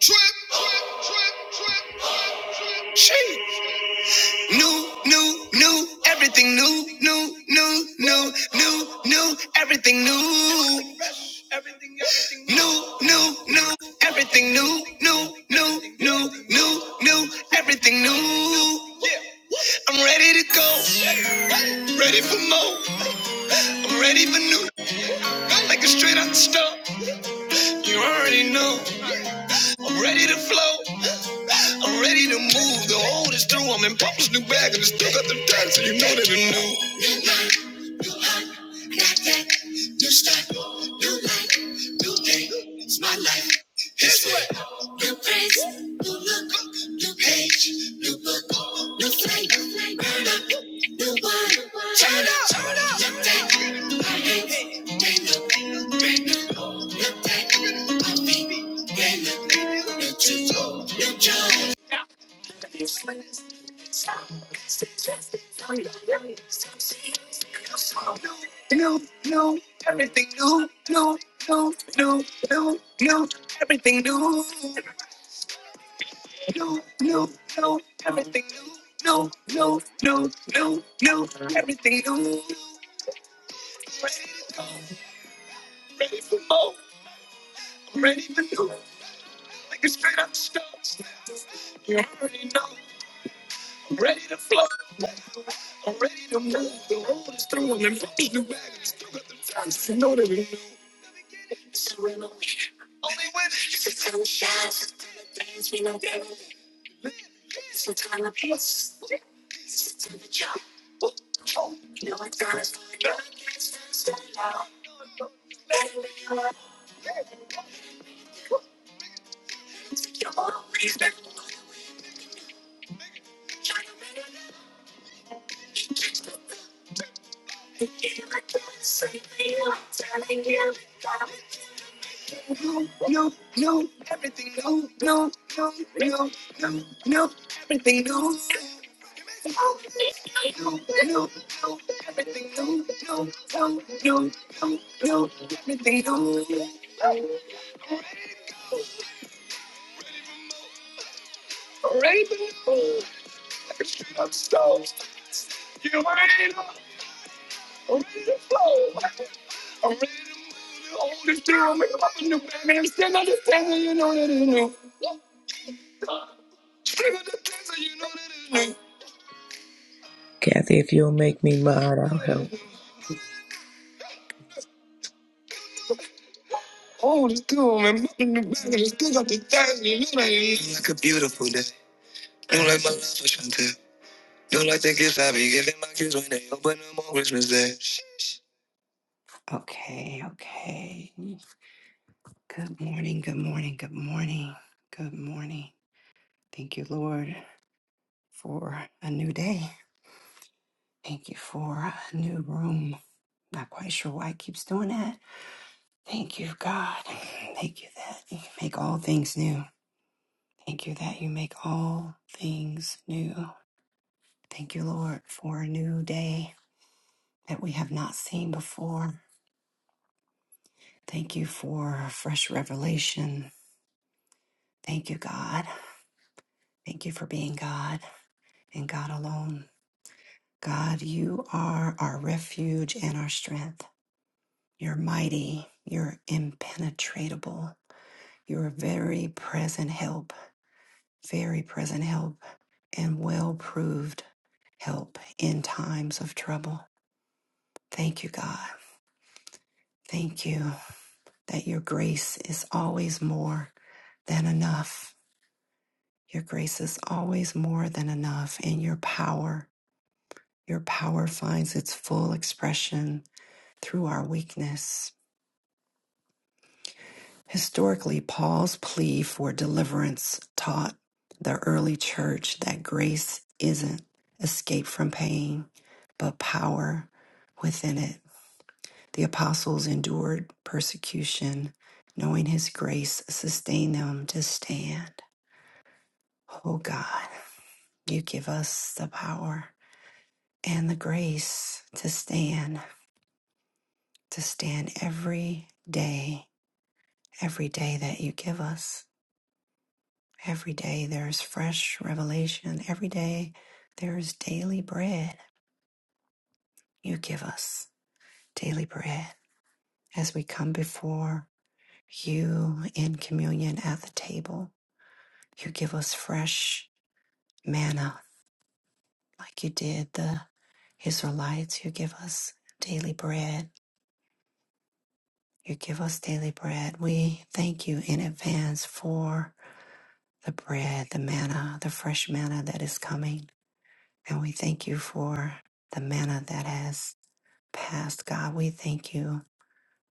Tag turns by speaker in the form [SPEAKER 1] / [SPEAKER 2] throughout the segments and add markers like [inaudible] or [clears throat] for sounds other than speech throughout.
[SPEAKER 1] Trip, trip, trip, trip, trip. trip, New, new, new, everything new, new, new, new, new, new, everything new. New, new, new, everything new, new, new, new, new, new, everything new. I'm ready to go, ready for more. I'm ready for new, like a straight out the store. You already know, I'm ready to flow. I'm ready to move. The old is through. I'm in Papa's new bag and it's still got them tags, so you know that it's new. New life, got that. New start, new life, new day. It's my life. It's what. New friends, new look, new page, new book, new flavor. Burn up, new one. Turn up, turn up. Look that. My hands, they look brand new. Look that. My feet, they look new. New shoes, new joy. New, new, everything new, new, new, new, new, new, everything new, new, new, new, everything new, new, new, new, new, new, everything new. Ready to go, ready for more, I'm ready for new, like a straight up stars. You already know, I'm ready to flow. I'm ready to move. The road is through and I'm putting you back. It's still got the time. So know that we need to run away. Only when it's a time shine, things we know better. It's a time of peace. It's a time of job. Oh, you know it's time to go. It's time to stand out. No, no, no, everything no, no, no, no, no, no, everything no. do, do, do, everything do, do, do, do, do, do, everything do. Rainbow, every street I'm stoked. You ain't up, I'm ready to flow. I'm ready to move on this girl, make up a new baby. I'm still not the table. you know that it's new. Still not the table. you know that it's new.
[SPEAKER 2] Kathy, if you'll make me mine, I'll help.
[SPEAKER 1] Oh, this girl, man, make up a new baby. Still on the table. you know that it's new. Like a beautiful day. You like my love for Chantel. Don't like the gifts I giving my kids when they open them on Christmas Day. Okay, okay. Good morning, good morning, good morning, good morning. Thank you, Lord, for a new day. Thank you for a new room. Not quite sure why it keeps doing that. Thank you, God. Thank you that you make all things new. Thank you that you make all things new. Thank you, Lord, for a new day that we have not seen before. Thank you for fresh revelation. Thank you, God. Thank you for being God and God alone. God, you are our refuge and our strength. You're mighty. You're impenetrable. You're a very present help, very present help, and well proved help in times of trouble. Thank you, God. Thank you that your grace is always more than enough Your grace is always more than enough, and your power, your power finds its full expression through our weakness. Historically, Paul's plea for deliverance taught the early church that grace isn't escape from pain, but power within it. The apostles endured persecution, knowing his grace sustained them to stand. Oh God, you give us the power. and the grace to stand, to stand every day, every day that you give us. Every day there's fresh revelation. Every day there's daily bread you give us, daily bread. As we come before you in communion at the table, you give us fresh manna like you did the Israelites. You give us daily bread. You give us daily bread. We thank you in advance for the bread, the manna, the fresh manna that is coming. And we thank you for the manna that has passed, God. We thank you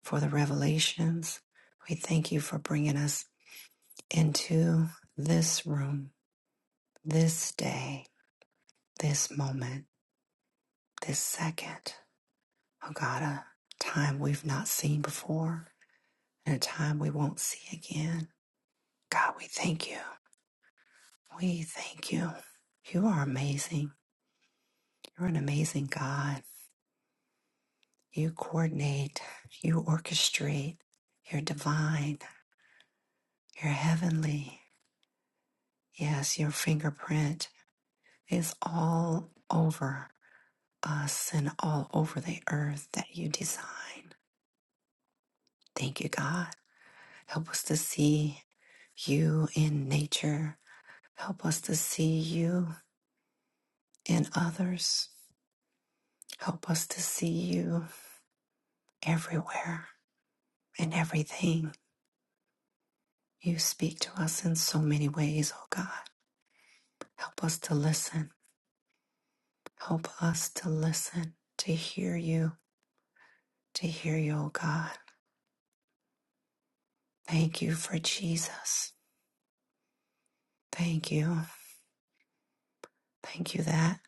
[SPEAKER 1] for the revelations. We thank you for bringing us into this room, this day, this moment, this second. Oh, God, a time we've not seen before and a time we won't see again. God, we thank you. We thank you. You are amazing. You're an amazing God. You coordinate, you orchestrate, you're divine, you're heavenly. Yes, your fingerprint is all over us and all over the earth that you design. Thank you, God. Help us to see you in nature. Help us to see you in others. Help us to see you everywhere and everything. You speak to us in so many ways, oh God. Help us to listen. Help us to listen, to hear you, to hear you, O God. Thank you for Jesus. Thank you. Thank you that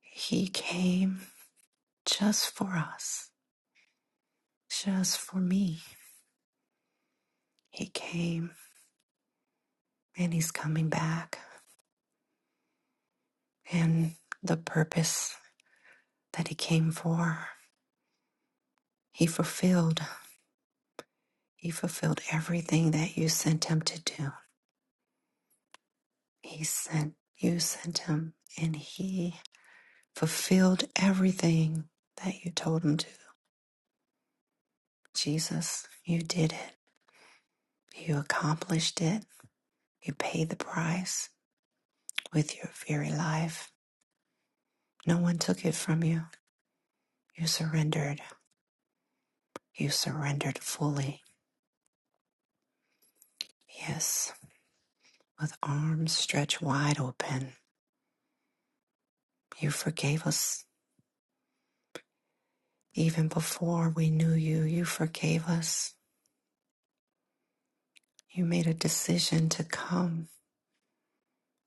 [SPEAKER 1] He came just for us, just for me. He came and He's coming back. And the purpose that He came for, He fulfilled. He fulfilled everything that you sent Him to do. He sent, you sent Him, and He fulfilled everything that you told Him to. Jesus, you did it. You accomplished it. You paid the price with your very life. No one took it from you. You surrendered. You surrendered fully. Yes, with arms stretched wide open. You forgave us. Even before we knew you, you forgave us. You made a decision to come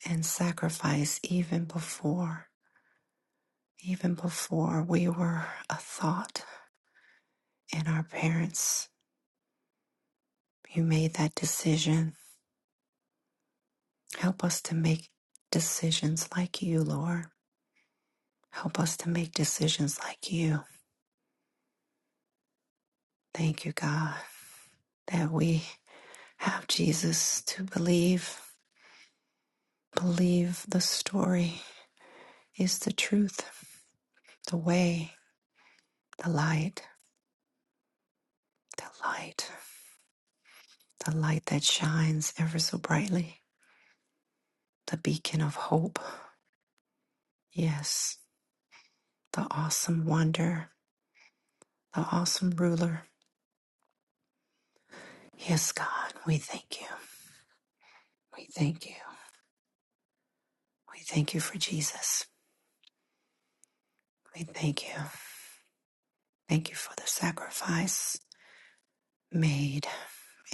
[SPEAKER 1] and sacrifice even before, even before we were a thought in our parents' You made that decision. Help us to make decisions like you, Lord. Help us to make decisions like you. Thank you, God, that we have Jesus to believe. Believe the story is the truth, the way, the light, the light, the light that shines ever so brightly, the beacon of hope. Yes, the awesome wonder, the awesome ruler. Yes, God, we thank you. We thank you. We thank you for Jesus. We thank you. Thank you for the sacrifice made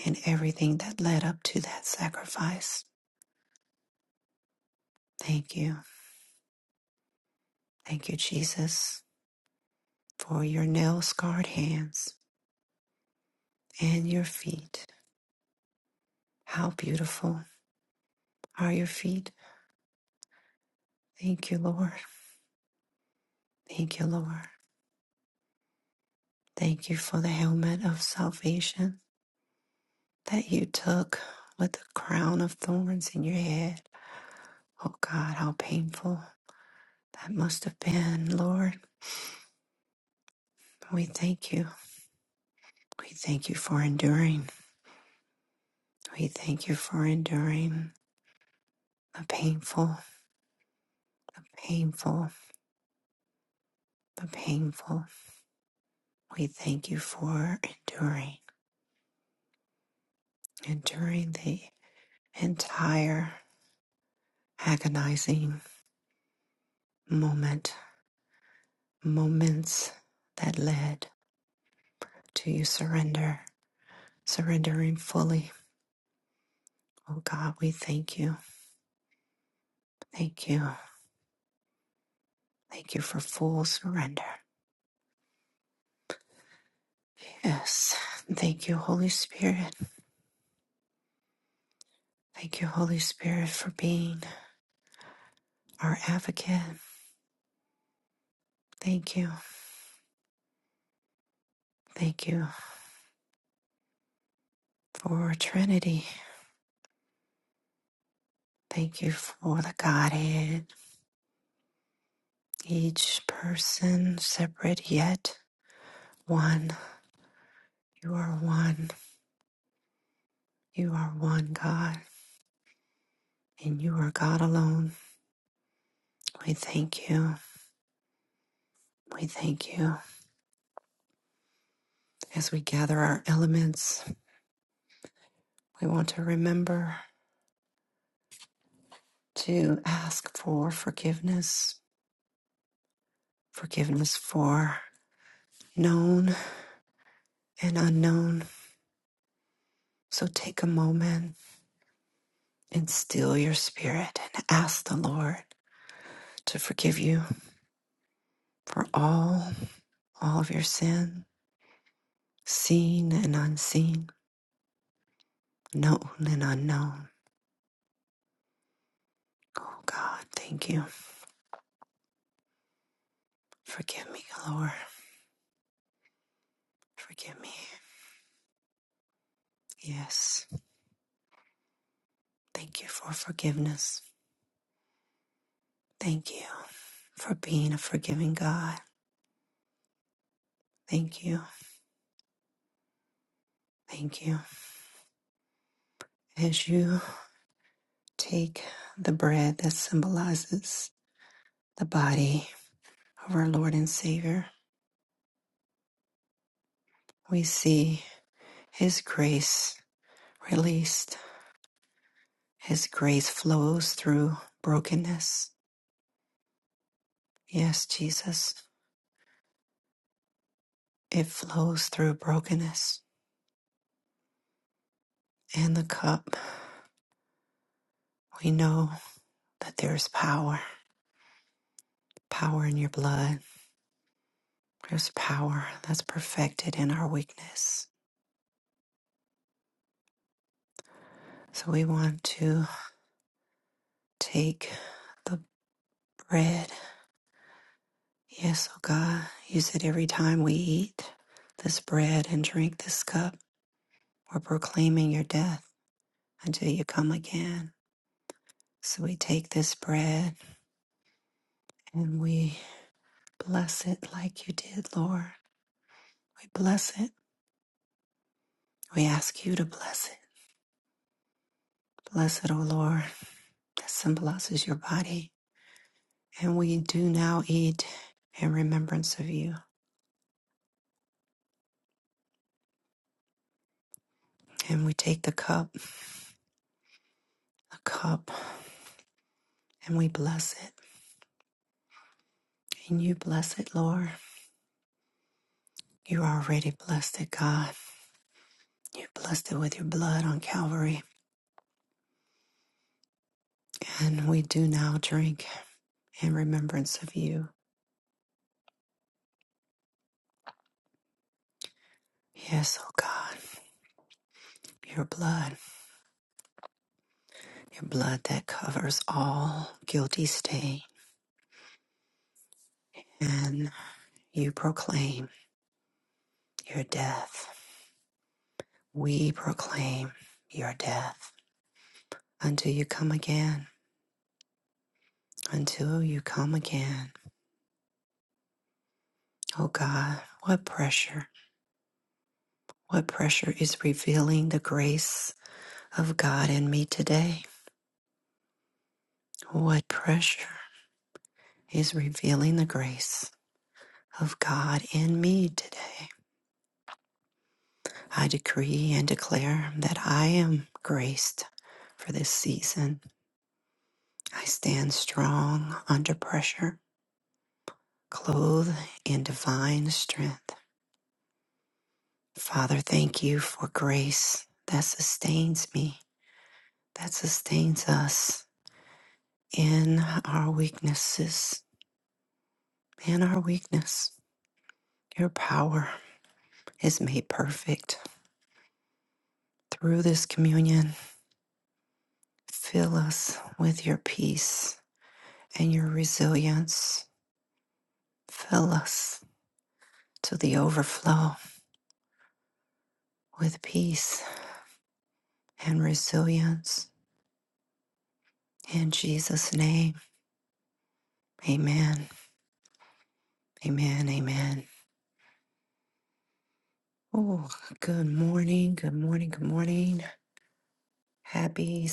[SPEAKER 1] and everything that led up to that sacrifice. Thank you. Thank you, Jesus, for your nail scarred hands and your feet. How beautiful are your feet. Thank you, Lord. Thank you, Lord. Thank you for the helmet of salvation that you took with the crown of thorns in your head. Oh God, how painful that must have been, Lord. We thank you. We thank you for enduring. We thank you for enduring the painful, the painful, the painful. We thank you for enduring, enduring the entire agonizing moment, moments that led to you surrender, surrendering fully. Oh God, we thank you. Thank you. Thank you for full surrender. Yes. Thank you, Holy Spirit. Thank you, Holy Spirit, for being our advocate. Thank you. Thank you for Trinity. Thank you for the Godhead. Each person separate yet one. You are one. You are one God, and you are God alone. We thank you. We thank you. As we gather our elements, we want to remember to ask for forgiveness. Forgiveness for known and unknown So take a moment and still your spirit and ask the Lord to forgive you for all, all of your sin, seen and unseen, known and unknown. Oh God, thank you. Forgive me, Lord. Forgive me. Yes. Thank you for forgiveness. Thank you for being a forgiving God. Thank you. Thank you. As you take the bread that symbolizes the body of our Lord and Savior, we see. His grace released. His grace flows through brokenness. Yes, Jesus, it flows through brokenness. And the cup, we know that there's power, power in your blood. There's power that's perfected in our weakness. So we want to take the bread. Yes, oh God, you said every time we eat this bread and drink this cup, we're proclaiming your death until you come again. So we take this bread and we bless it like you did, Lord. We bless it. We ask you to bless it. Bless it, O Lord. That symbolizes your body. And we do now eat in remembrance of you. And we take the cup, the cup, and we bless it. And you bless it, Lord. You already blessed it, God. You blessed it with your blood on Calvary. And we do now drink in remembrance of you. Yes, O God, your blood. your blood that covers all guilty stain, and you proclaim your death. We proclaim your death until you come again, until you come again. Oh God, what pressure, what pressure is revealing the grace of God in me today? What pressure is revealing the grace of God in me today? I decree and declare that I am graced for this season I stand strong under pressure, clothed in divine strength. Father, thank you for grace that sustains me, that sustains us in our weaknesses, in our weakness. Your power is made perfect through this communion. Fill us with your peace and your resilience. Fill us to the overflow with peace and resilience In Jesus' name, amen. Amen. Amen. Oh, good morning. Good morning. Good morning. Happy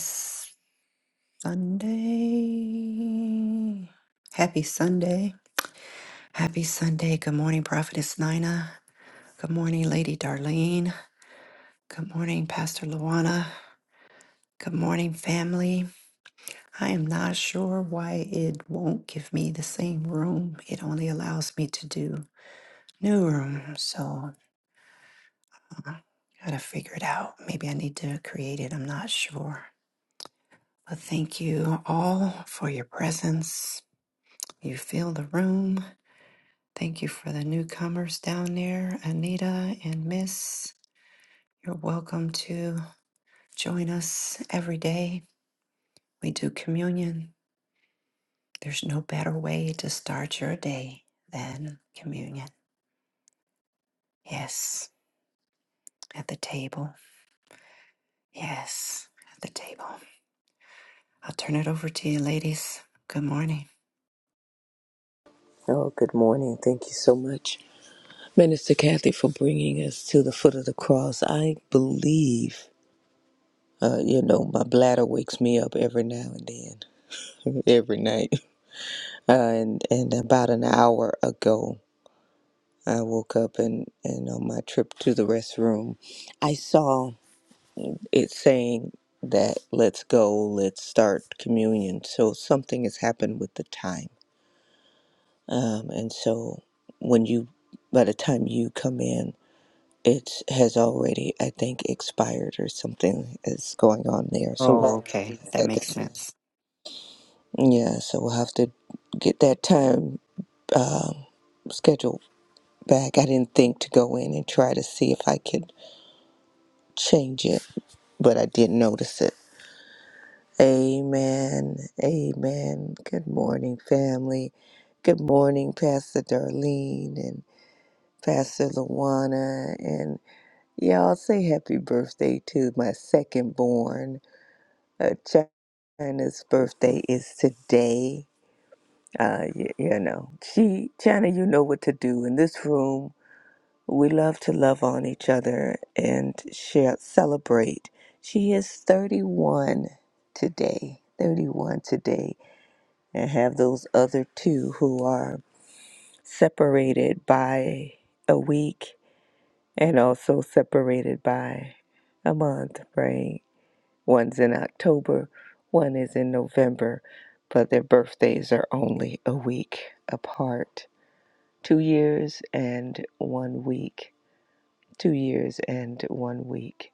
[SPEAKER 1] Sunday. Happy Sunday. Happy Sunday. Good morning, Prophetess Nina. Good morning, Lady Darlene. Good morning, Pastor Luana. Good morning, family. I am not sure why it won't give me the same room. It only allows me to do new room. So. I gotta figure it out. Maybe I need to create it. I'm not sure. But thank you all for your presence. You fill the room. Thank you for the newcomers down there, Anita and Miss. You're welcome to join us every day. We do communion. There's no better way to start your day than communion. Yes, at the table. Yes, at the table. I'll turn it over to you, ladies. Good morning.
[SPEAKER 2] Oh, good morning. Thank you so much, Minister Kathy, for bringing us to the foot of the cross. I believe, uh, you know, my bladder wakes me up every now and then, [laughs] every night. Uh, and, and about an hour ago, I woke up and, and on my trip to the restroom, I saw it saying that let's go, let's start communion. So something has happened with the time. Um, and so when you, by the time you come in, it has already, I think, expired or something is going on there. So
[SPEAKER 1] Oh,
[SPEAKER 2] we'll have to
[SPEAKER 1] okay. That
[SPEAKER 2] reset
[SPEAKER 1] makes
[SPEAKER 2] the
[SPEAKER 1] sense.
[SPEAKER 2] Yeah, so we'll have to get that time um, schedule back. I didn't think to go in and try to see if I could change it, but I did notice it. Amen. Amen. Good morning, family. Good morning, Pastor Darlene and Pastor Luana and. Y'all say happy birthday to my second born. Uh, China's birthday is today. Uh, you, you know, she, China, you know what to do in this room. We love to love on each other and share, celebrate. She is 31 today, 31 today, and have those other two who are separated by a week and also separated by a month, right? One's in October, one is in November, but their birthdays are only a week apart. Two years and one week. Two years and one week.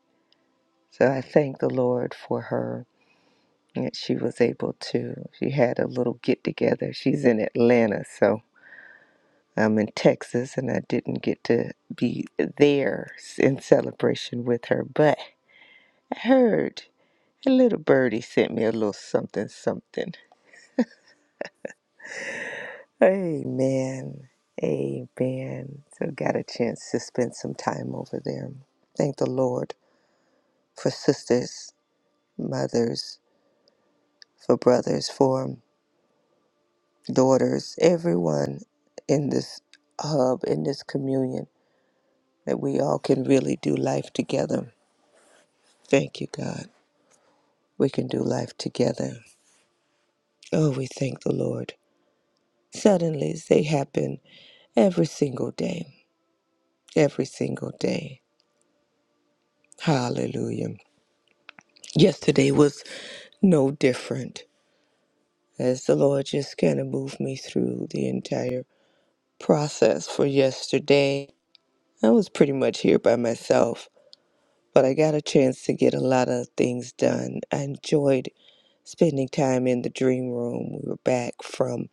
[SPEAKER 2] So I thank the Lord for her. that she was able to, she had a little get together. She's in Atlanta, so I'm in Texas and I didn't get to be there in celebration with her. But I heard a little birdie sent me a little something something Amen. Amen. So got a chance to spend some time over there. Thank the Lord for sisters, mothers, for brothers, for daughters, everyone in this hub, in this communion, that we all can really do life together. Thank you, God. We can do life together. Oh, we thank the Lord. Suddenly they happen every single day. Every single day. Hallelujah. Yesterday was no different as the Lord just kind of moved me through the entire process for yesterday. I was pretty much here by myself, but I got a chance to get a lot of things done. I enjoyed spending time in the dream room. We were back from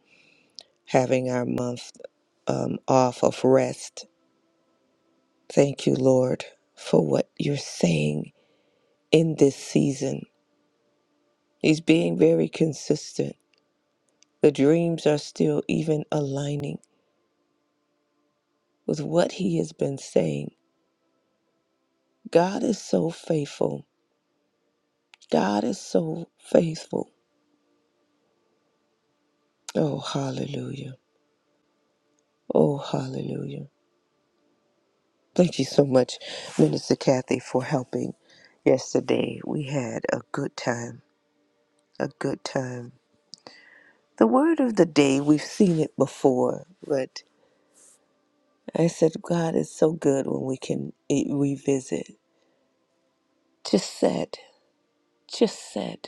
[SPEAKER 2] having our month um, off of rest. Thank you, Lord, for what you're saying in this season. He's being very consistent. The dreams are still even aligning with what he has been saying. God is so faithful. God is so faithful. Oh, hallelujah. Oh, hallelujah. Thank you so much, Minister Kathy, for helping. Yesterday, we had a good time. A good time. The word of the day, we've seen it before, but I said, God is so good when we can eh, revisit. Just said, just said.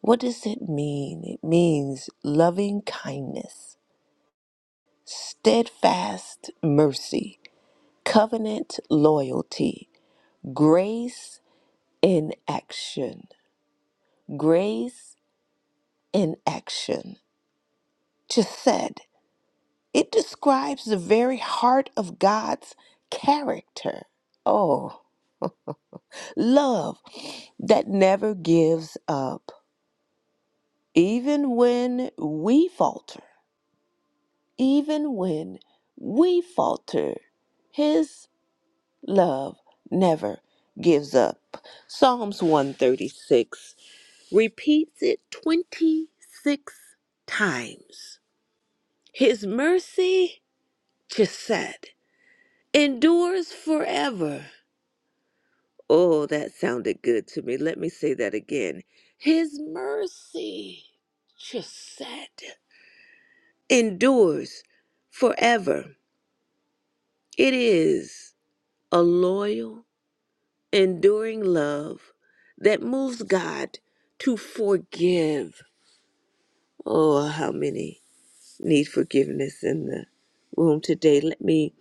[SPEAKER 2] What does it mean? It means loving kindness steadfast mercy, covenant loyalty, grace in action. Grace in action. Just said, it describes the very heart of God's character. Oh, love that never gives up, even when we falter, even when we falter. His. Love never gives up. Psalms 136 repeats it 26 times. His mercy, Chesed, endures forever. Oh, that sounded good to me. Let me say that again. His mercy, Chesed, endures forever. It is a loyal enduring love that moves God to forgive. Oh, how many need forgiveness in the room today? Let me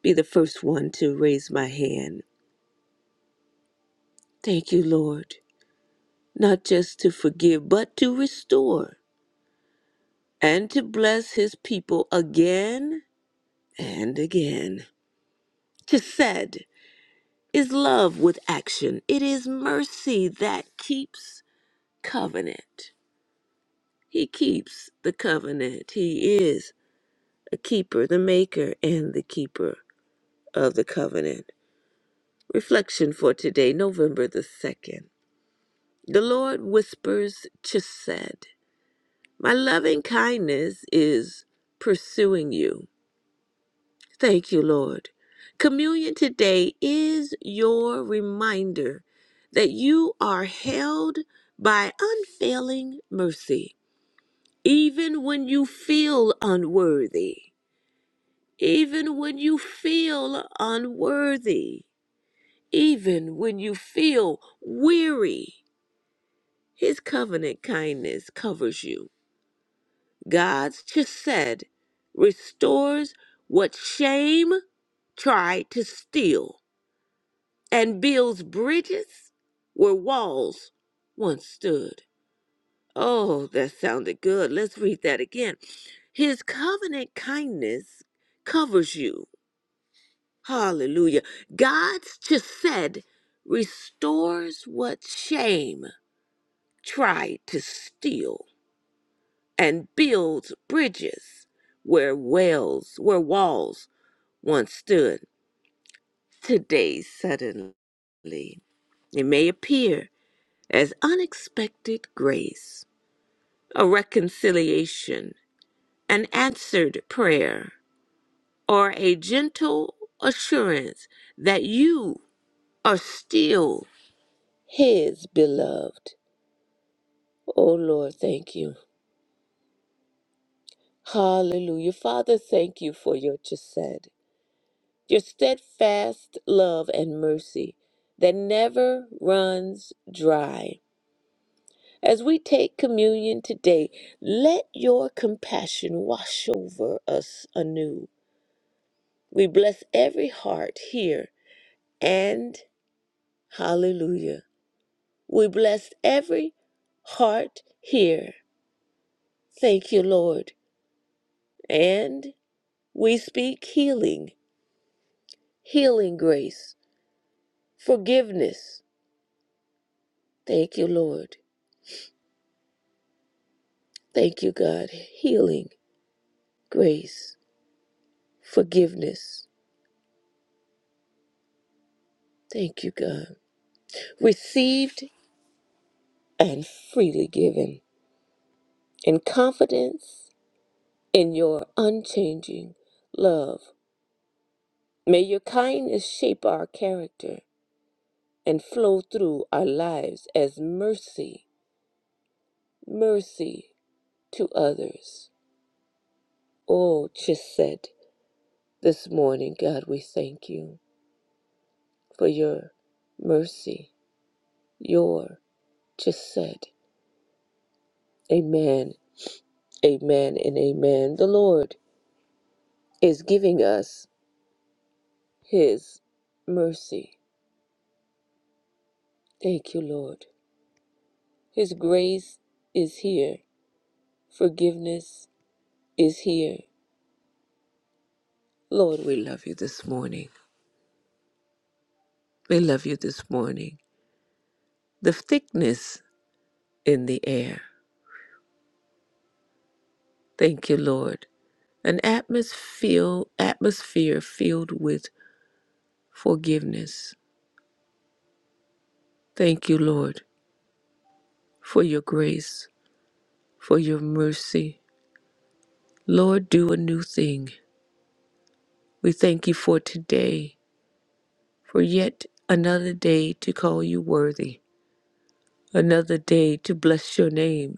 [SPEAKER 2] be the first one to raise my hand. Thank you, Lord, not just to forgive, but to restore and to bless his people again and again. To said is love with action, it is mercy that keeps covenant. He keeps the covenant. He is a keeper, the maker, and the keeper of the covenant. Reflection for today, November the 2nd. The Lord whispers to My loving kindness is pursuing you. Thank you, Lord. Communion today is your reminder that you are held by unfailing mercy, even when you feel unworthy. even when you feel unworthy, even when you feel weary. His covenant kindness covers you. God's chesed restores what shame tried to steal and builds bridges where walls once stood. Oh, that sounded good. Let's read that again. His covenant kindness covers you Hallelujah. God's just said, restores what shame tried to steal and builds bridges where wells, where walls once stood. Today, suddenly, it may appear as unexpected grace, a reconciliation, an answered prayer, or a gentle assurance that you are still. his beloved. Oh Lord, thank you. Hallelujah. Father, thank you for your chesed, your steadfast love and mercy that never runs dry. As we take communion today, let your compassion wash over us anew. We bless every heart here and hallelujah. We bless every heart here. Thank you, Lord. And We speak healing, healing grace, forgiveness. Thank you, Lord. Thank you, God. Healing, grace, forgiveness. Thank you, God. Received and freely given in confidence in your unchanging love. May your kindness shape our character and flow through our lives as mercy, mercy to others. Oh, Chisette. This morning, God, we thank you for your mercy, your just Amen, amen, and amen. The Lord is giving us his mercy. Thank you, Lord. His grace is here, forgiveness is here. Lord, we love you this morning. We love you this morning. The thickness in the air. Thank you, Lord. An atmosphere, atmosphere filled with forgiveness. Thank you, Lord, for your grace, for your mercy. Lord, do a new thing. We thank you for today, for yet another day to call you worthy, another day to bless your name,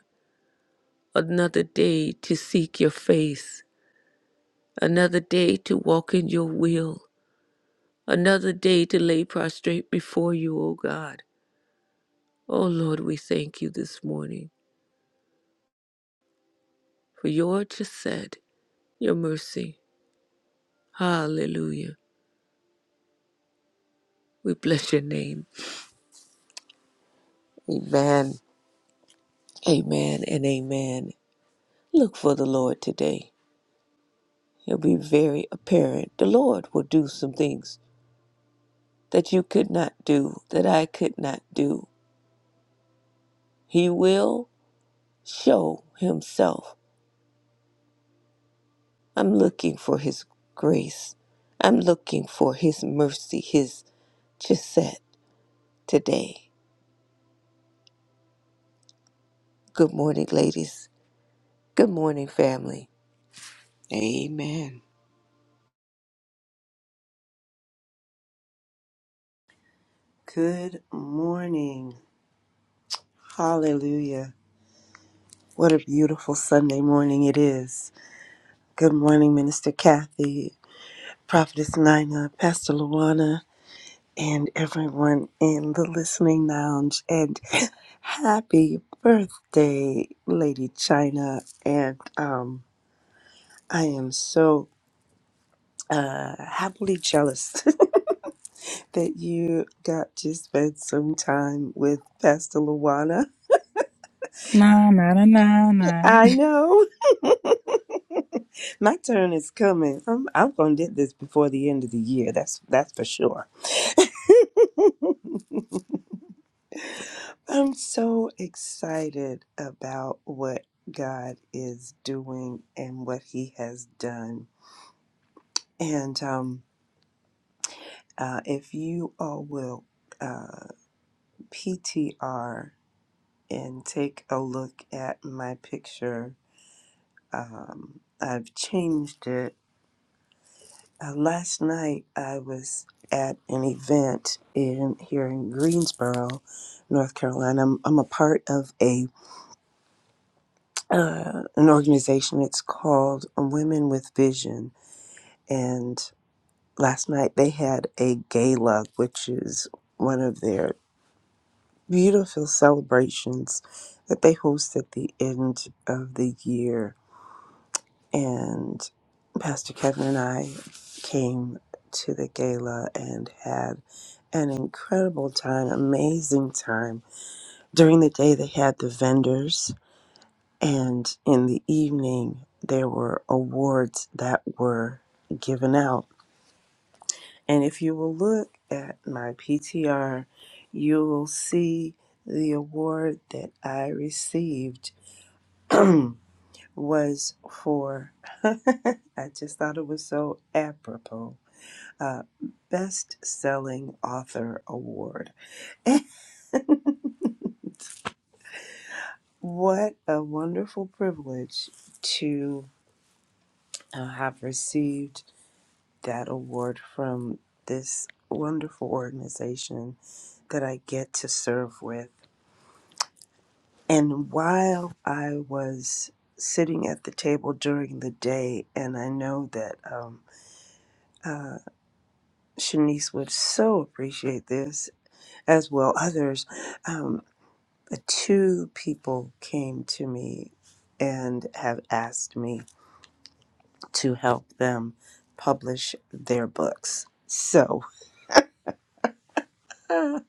[SPEAKER 2] another day to seek your face, another day to walk in your will, another day to lay prostrate before you, O God. O Lord, we thank you this morning for your just said, your mercy. Hallelujah. We bless your name. Amen. Amen and amen. Look for the Lord today. He'll be very apparent. The Lord will do some things that you could not do, that I could not do. He will show himself. I'm looking for his grace. I'm looking for his mercy, his chesed today. Good morning, ladies. Good morning, family. Amen.
[SPEAKER 3] Good morning. Hallelujah. What a beautiful Sunday morning it is. Good morning, Minister Kathy, Prophetess Nina, Pastor Luana, and everyone in the listening lounge. And [laughs] happy birthday, Lady China. And um, I am so uh, happily jealous [laughs] that you got to spend some time with Pastor Luana.
[SPEAKER 4] Nah, nah, nah, nah, nah.
[SPEAKER 3] I know. [laughs] My turn is coming. I'm I'm gonna get this before the end of the year. That's that's for sure. I'm so excited about what God is doing and what He has done. And um, uh, if you all will uh, PTR and take a look at my picture, um, I've changed it Uh, last night I was at an event in here in Greensboro, North Carolina. I'm, I'm a part of a uh, an organization. It's called Women with Vision, and last night they had a gala, which is one of their beautiful celebrations that they host at the end of the year and Pastor Kevin and I came to the gala and had an incredible time, amazing time. During the day, they had the vendors, and in the evening, there were awards that were given out. And if you will look at my PTR, you will see the award that I received [clears throat] was for, I just thought it was so apropos uh, Best Selling Author Award. What a wonderful privilege to uh, have received that award from this wonderful organization that I get to serve with. And while I was sitting at the table during the day, and I know that um, uh, Shanice would so appreciate this, as well others. Um, two people came to me and have asked me to help them publish their books. So [laughs] I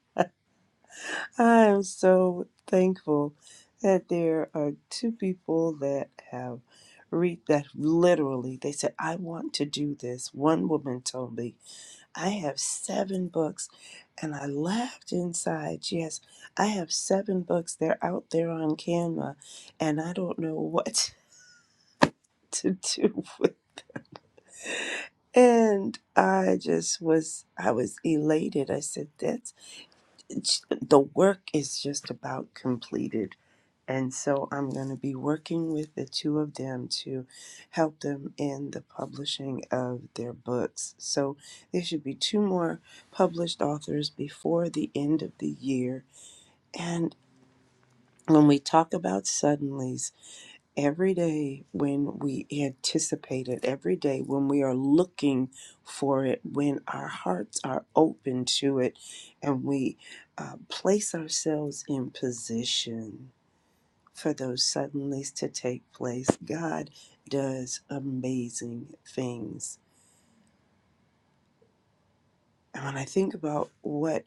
[SPEAKER 3] am so thankful that there are two people that have read that literally they said I want to do this. One woman told me, "I have 7 books." And I laughed inside. Yes, I have 7 books. They're out there on Canva and I don't know what [laughs] to do with. And I just was, I was elated. I said, that's it's- the work is just about completed. And so I'm going to be working with the two of them to help them in the publishing of their books. So there should be two more published authors before the end of the year. And when we talk about suddenlies, Every day when we anticipate it, every day when we are looking for it, when our hearts are open to it, and we uh, place ourselves in position for those suddenlies to take place, God does amazing things. And when I think about what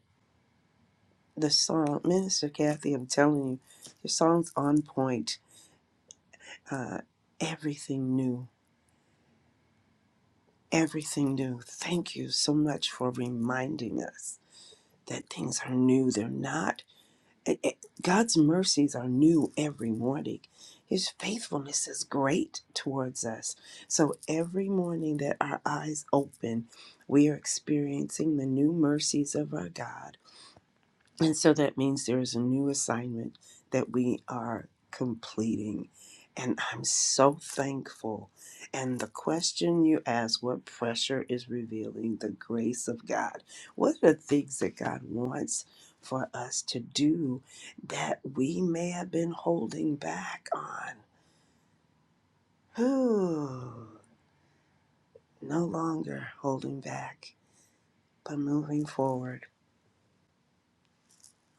[SPEAKER 3] the song, Minister Kathy, I'm telling you, your song's on point. Uh, everything new. everything new. Thank you so much for reminding us that things are new. They're not. it- it- God's mercies are new every morning. His faithfulness is great towards us. So every morning that our eyes open, we are experiencing the new mercies of our God and so that means there is a new assignment that we are completing. And I'm so thankful. And the question you asked, what pressure is revealing the grace of God? What are the things that God wants for us to do that we may have been holding back on? Whew, no longer holding back, but moving forward.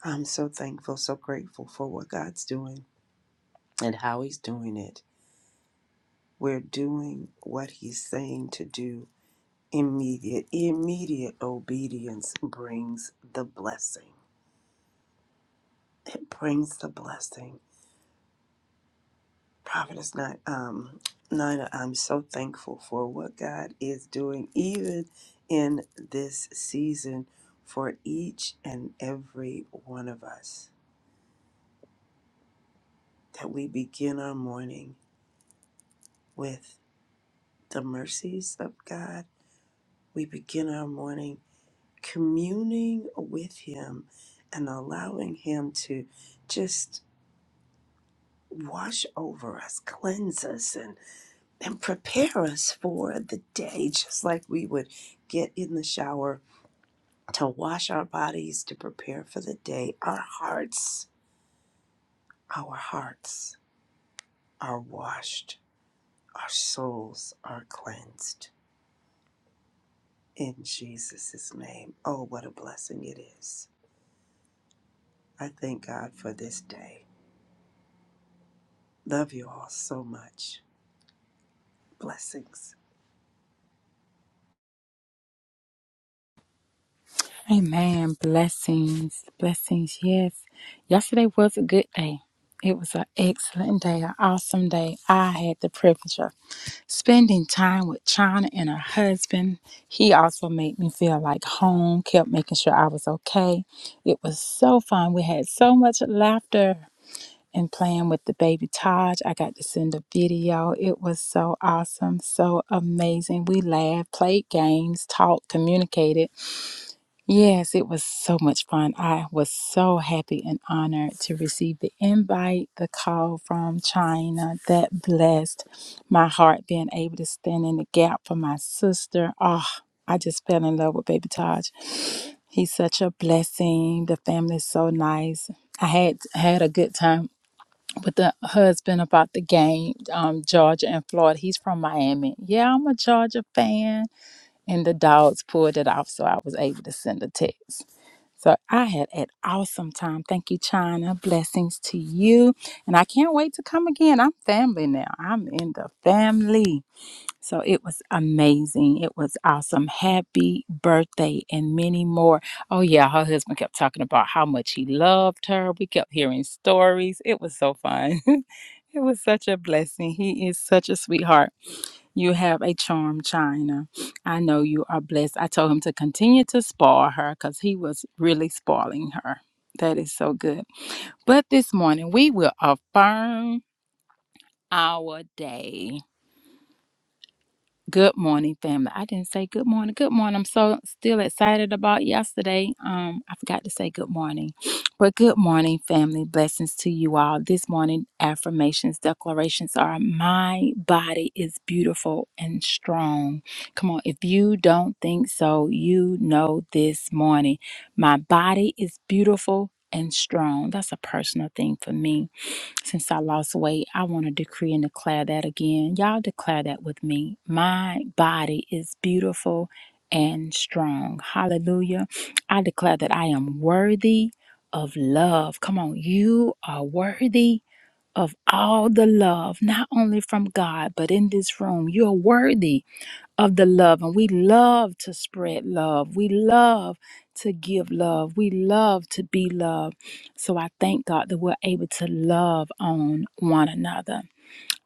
[SPEAKER 3] I'm so thankful, so grateful for what God's doing and how He's doing it We're doing what He's saying to do. Immediate, immediate obedience brings the blessing. It brings the blessing. Prophet is not, um, Nina, I'm so thankful for what God is doing, even in this season, for each and every one of us. That we begin our morning with the mercies of God. We begin our morning communing with Him and allowing Him to just wash over us, cleanse us, and, and prepare us for the day, just like we would get in the shower to wash our bodies to prepare for the day. Our hearts, our hearts are washed, our souls are cleansed. In Jesus' name. Oh, what a blessing it is. I thank God for this day. Love you all so much. Blessings.
[SPEAKER 4] Amen. Blessings. Blessings. Yes. Yesterday was a good day. It was an excellent day, an awesome day. I had the privilege of spending time with China and her husband. He also made me feel like home, kept making sure I was okay. It was so fun. We had so much laughter. and playing with the baby Taj. I got to send a video. It was so awesome, so amazing. We laughed, played games, talked, communicated. Yes, it was so much fun. I was so happy and honored to receive the invite, the call from China that blessed my heart being able to stand in the gap for my sister. Oh, I just fell in love with baby Taj. He's such a blessing. The family's so nice. I had had a good time with the husband about the game, um, Georgia and Florida. He's from Miami. Yeah, I'm a Georgia fan. And the dogs pulled it off, so I was able to send a text. So I had an awesome time. Thank you, China. Blessings to you. And I can't wait to come again. I'm family now. I'm in the family. So it was amazing. It was awesome. Happy birthday and many more. Oh, yeah. Her husband kept talking about how much he loved her. We kept hearing stories. It was so fun. [laughs] it was such a blessing. He is such a sweetheart. You have a charm, China. I know you are blessed. I told him to continue to spoil her because he was really spoiling her. That is so good. But this morning, we will affirm our day. Good morning, family. I didn't say good morning. Good morning. I'm so still excited about yesterday. Um, I forgot to say good morning. [sniffs] But good morning, family. Blessings to you all. This morning, affirmations, declarations are my body is beautiful and strong. Come on, if you don't think so, you know this morning. My body is beautiful and strong. That's a personal thing for me. Since I lost weight, I want to decree and declare that again. Y'all declare that with me. My body is beautiful and strong. Hallelujah. I declare that I am worthy of love. Come on, you are worthy of all the love, not only from God, but in this room. You're worthy of the love and we love to spread love we love to give love we love to be loved so i thank god that we're able to love on one another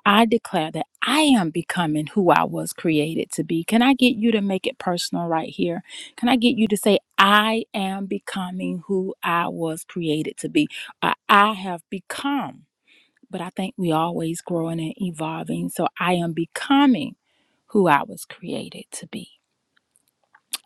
[SPEAKER 4] i declare that i am becoming who i was created to be can i get you to make it personal right here can i get you to say i am becoming who i was created to be or i have become but i think we always growing and evolving so i am becoming who I was created to be.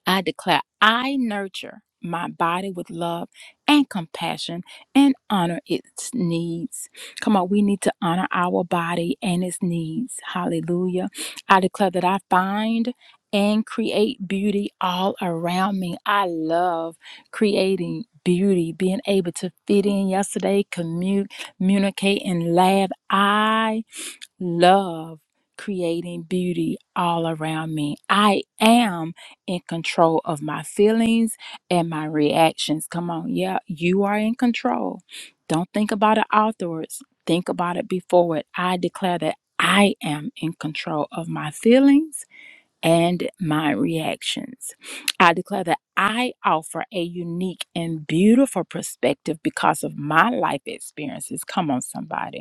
[SPEAKER 4] I declare I nurture my body with love and compassion and honor its needs. Come on, we need to honor our body and its needs. Hallelujah. I declare that I find and create beauty all around me. I love creating beauty, being able to fit in yesterday, commu- communicate, and laugh. I love creating beauty all around me. I am in control of my feelings and my reactions. Come on, yeah, you are in control. Don't think about it afterwards, think about it before it. I declare that I am in control of my feelings and my reactions. I declare that I offer a unique and beautiful perspective because of my life experiences. Come on, somebody.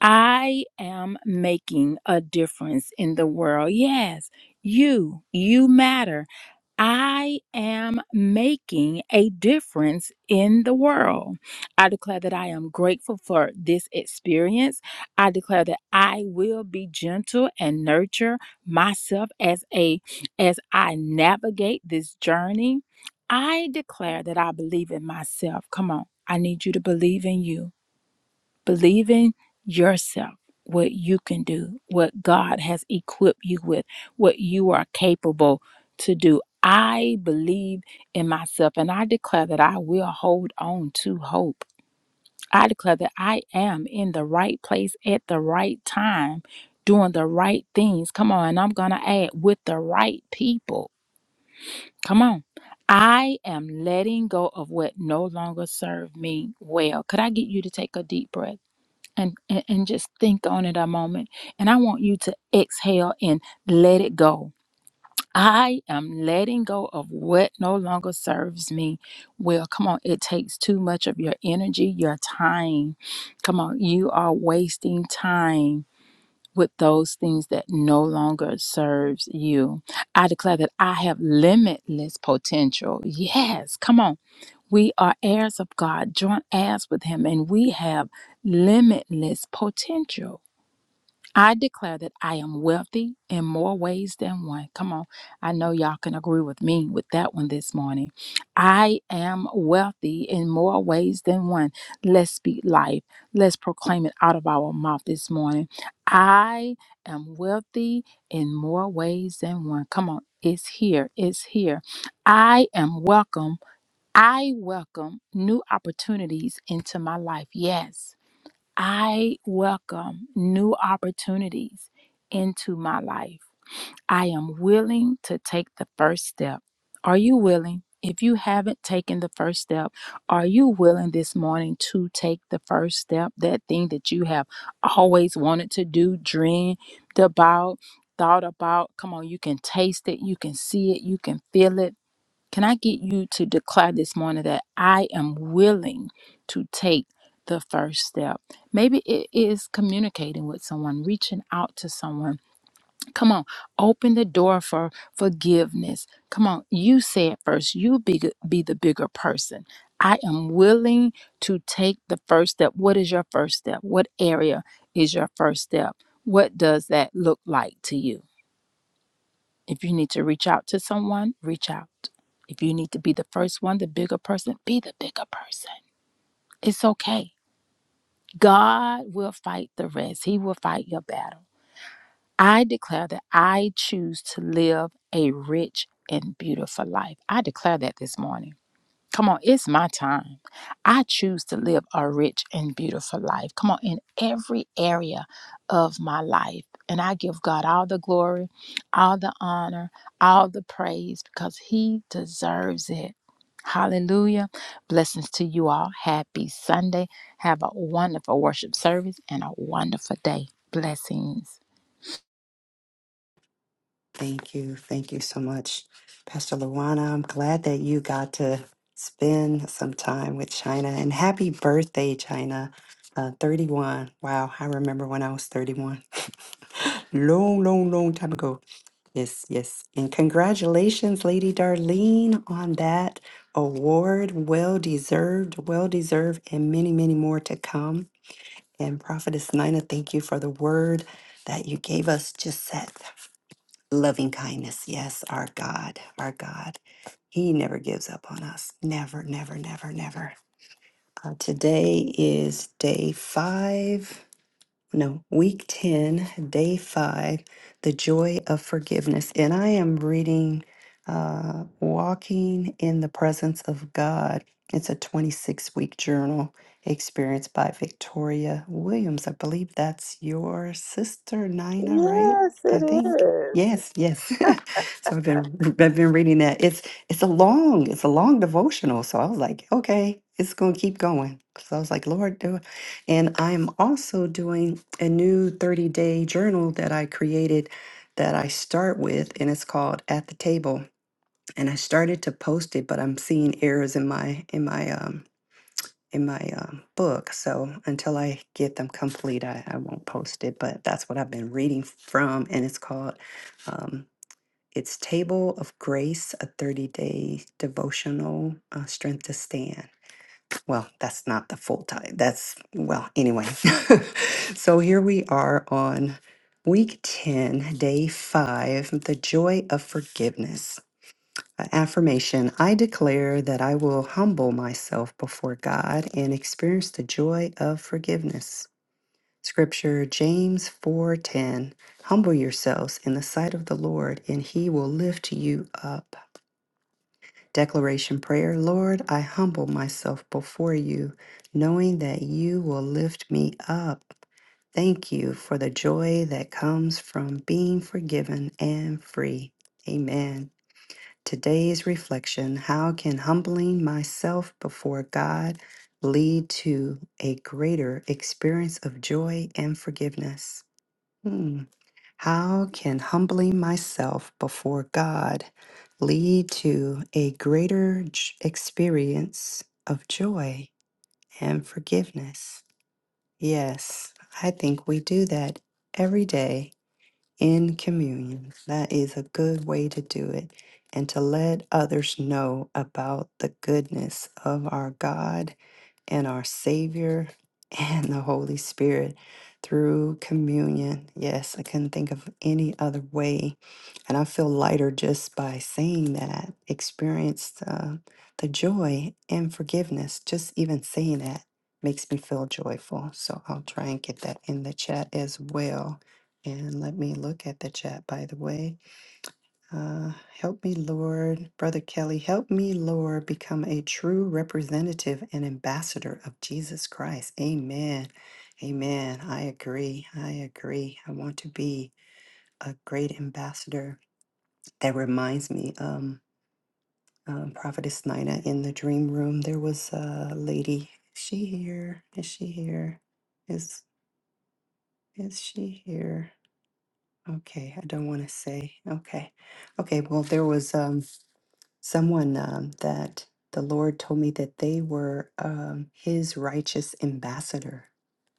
[SPEAKER 4] I am making a difference in the world. Yes, you, you matter. I am making a difference in the world. I declare that I am grateful for this experience. I declare that I will be gentle and nurture myself as a as I navigate this journey. I declare that I believe in myself. Come on. I need you to believe in you believing yourself what you can do, what God has equipped you with, what you are capable to do. I believe in myself and I declare that I will hold on to hope. I declare that I am in the right place at the right time, doing the right things. Come on, and I'm going to add with the right people. Come on. I am letting go of what no longer serves me well. Could I get you to take a deep breath? and, and and just think on it a moment and i want you to exhale and let it go i am letting go of what no longer serves me well come on it takes too much of your energy your time come on you are wasting time with those things that no longer serves you i declare that i have limitless potential yes come on we are heirs of God, joint heirs with Him, and we have limitless potential. I declare that I am wealthy in more ways than one. Come on, I know y'all can agree with me with that one this morning. I am wealthy in more ways than one. Let's speak life. Let's proclaim it out of our mouth this morning. I am wealthy in more ways than one. Come on, it's here. It's here. I am welcome I welcome new opportunities into my life. Yes, I welcome new opportunities into my life. I am willing to take the first step. Are you willing? If you haven't taken the first step, are you willing this morning to take the first step? That thing that you have always wanted to do, dreamed about, thought about. Come on, you can taste it, you can see it, you can feel it can I get you to declare this morning that I am willing to take the first step? Maybe it is communicating with someone, reaching out to someone. Come on, open the door for forgiveness. Come on, you say it first. You be, be the bigger person. I am willing to take the first step. What is your first step? What area is your first step? What does that look like to you? If you need to reach out to someone, reach out. If you need to be the first one, the bigger person, be the bigger person. It's okay. God will fight the rest, He will fight your battle. I declare that I choose to live a rich and beautiful life. I declare that this morning. Come on, it's my time. I choose to live a rich and beautiful life. Come on, in every area of my life. And I give God all the glory, all the honor, all the praise because He deserves it. Hallelujah. Blessings to you all. Happy Sunday. Have a wonderful worship service and a wonderful day. Blessings.
[SPEAKER 1] Thank you. Thank you so much, Pastor Luana. I'm glad that you got to spend some time with China and happy birthday, China. Uh, 31. Wow. I remember when I was 31. [laughs] long, long, long time ago. Yes, yes. And congratulations, Lady Darlene, on that award. Well deserved, well deserved, and many, many more to come. And Prophetess Nina, thank you for the word that you gave us. Just that loving kindness. Yes, our God, our God. He never gives up on us. Never, never, never, never. Uh, today is day five no, week 10, day five, the joy of forgiveness. And I am reading uh, Walking in the Presence of God. It's a 26 week journal experience by Victoria Williams. I believe that's your sister, Nina, right?
[SPEAKER 2] Yes,
[SPEAKER 1] I
[SPEAKER 2] it
[SPEAKER 1] think.
[SPEAKER 2] is.
[SPEAKER 1] Yes, yes. [laughs] so I've been I've been reading that. It's it's a long, it's a long devotional. So I was like, okay, it's gonna keep going. So I was like, Lord, do it. and I'm also doing a new 30 day journal that I created that I start with and it's called at the table and I started to post it but I'm seeing errors in my in my um in my um, book so until I get them complete I, I won't post it but that's what I've been reading from and it's called um, it's table of grace a 30 day devotional uh, strength to stand well, that's not the full time. That's, well, anyway. [laughs] so here we are on week 10, day five the joy of forgiveness. A Affirmation I declare that I will humble myself before God and experience the joy of forgiveness. Scripture James 4:10 Humble yourselves in the sight of the Lord and he will lift you up. Declaration Prayer Lord, I humble myself before you, knowing that you will lift me up. Thank you for the joy that comes from being forgiven and free. Amen. Today's reflection How can humbling myself before God lead to a greater experience of joy and forgiveness? Hmm. How can humbling myself before God lead to a greater j- experience of joy and forgiveness? Yes, I think we do that every day in communion. That is a good way to do it and to let others know about the goodness of our God and our Savior and the Holy Spirit through communion. Yes, I couldn't think of any other way. And I feel lighter just by saying that experienced uh, the joy and forgiveness. Just even saying that makes me feel joyful. So I'll try and get that in the chat as well. And let me look at the chat, by the way. Uh, help me, Lord. Brother Kelly, help me, Lord, become a true representative and ambassador of Jesus Christ. Amen. Amen. I agree. I agree. I want to be a great ambassador. That reminds me, um, um, Prophetess Nina in the dream room, there was a lady. Is she here? Is she here? Is is she here? Okay, I don't want to say. Okay. Okay, well, there was. um. someone um, that the Lord told me that they were um, his righteous ambassador.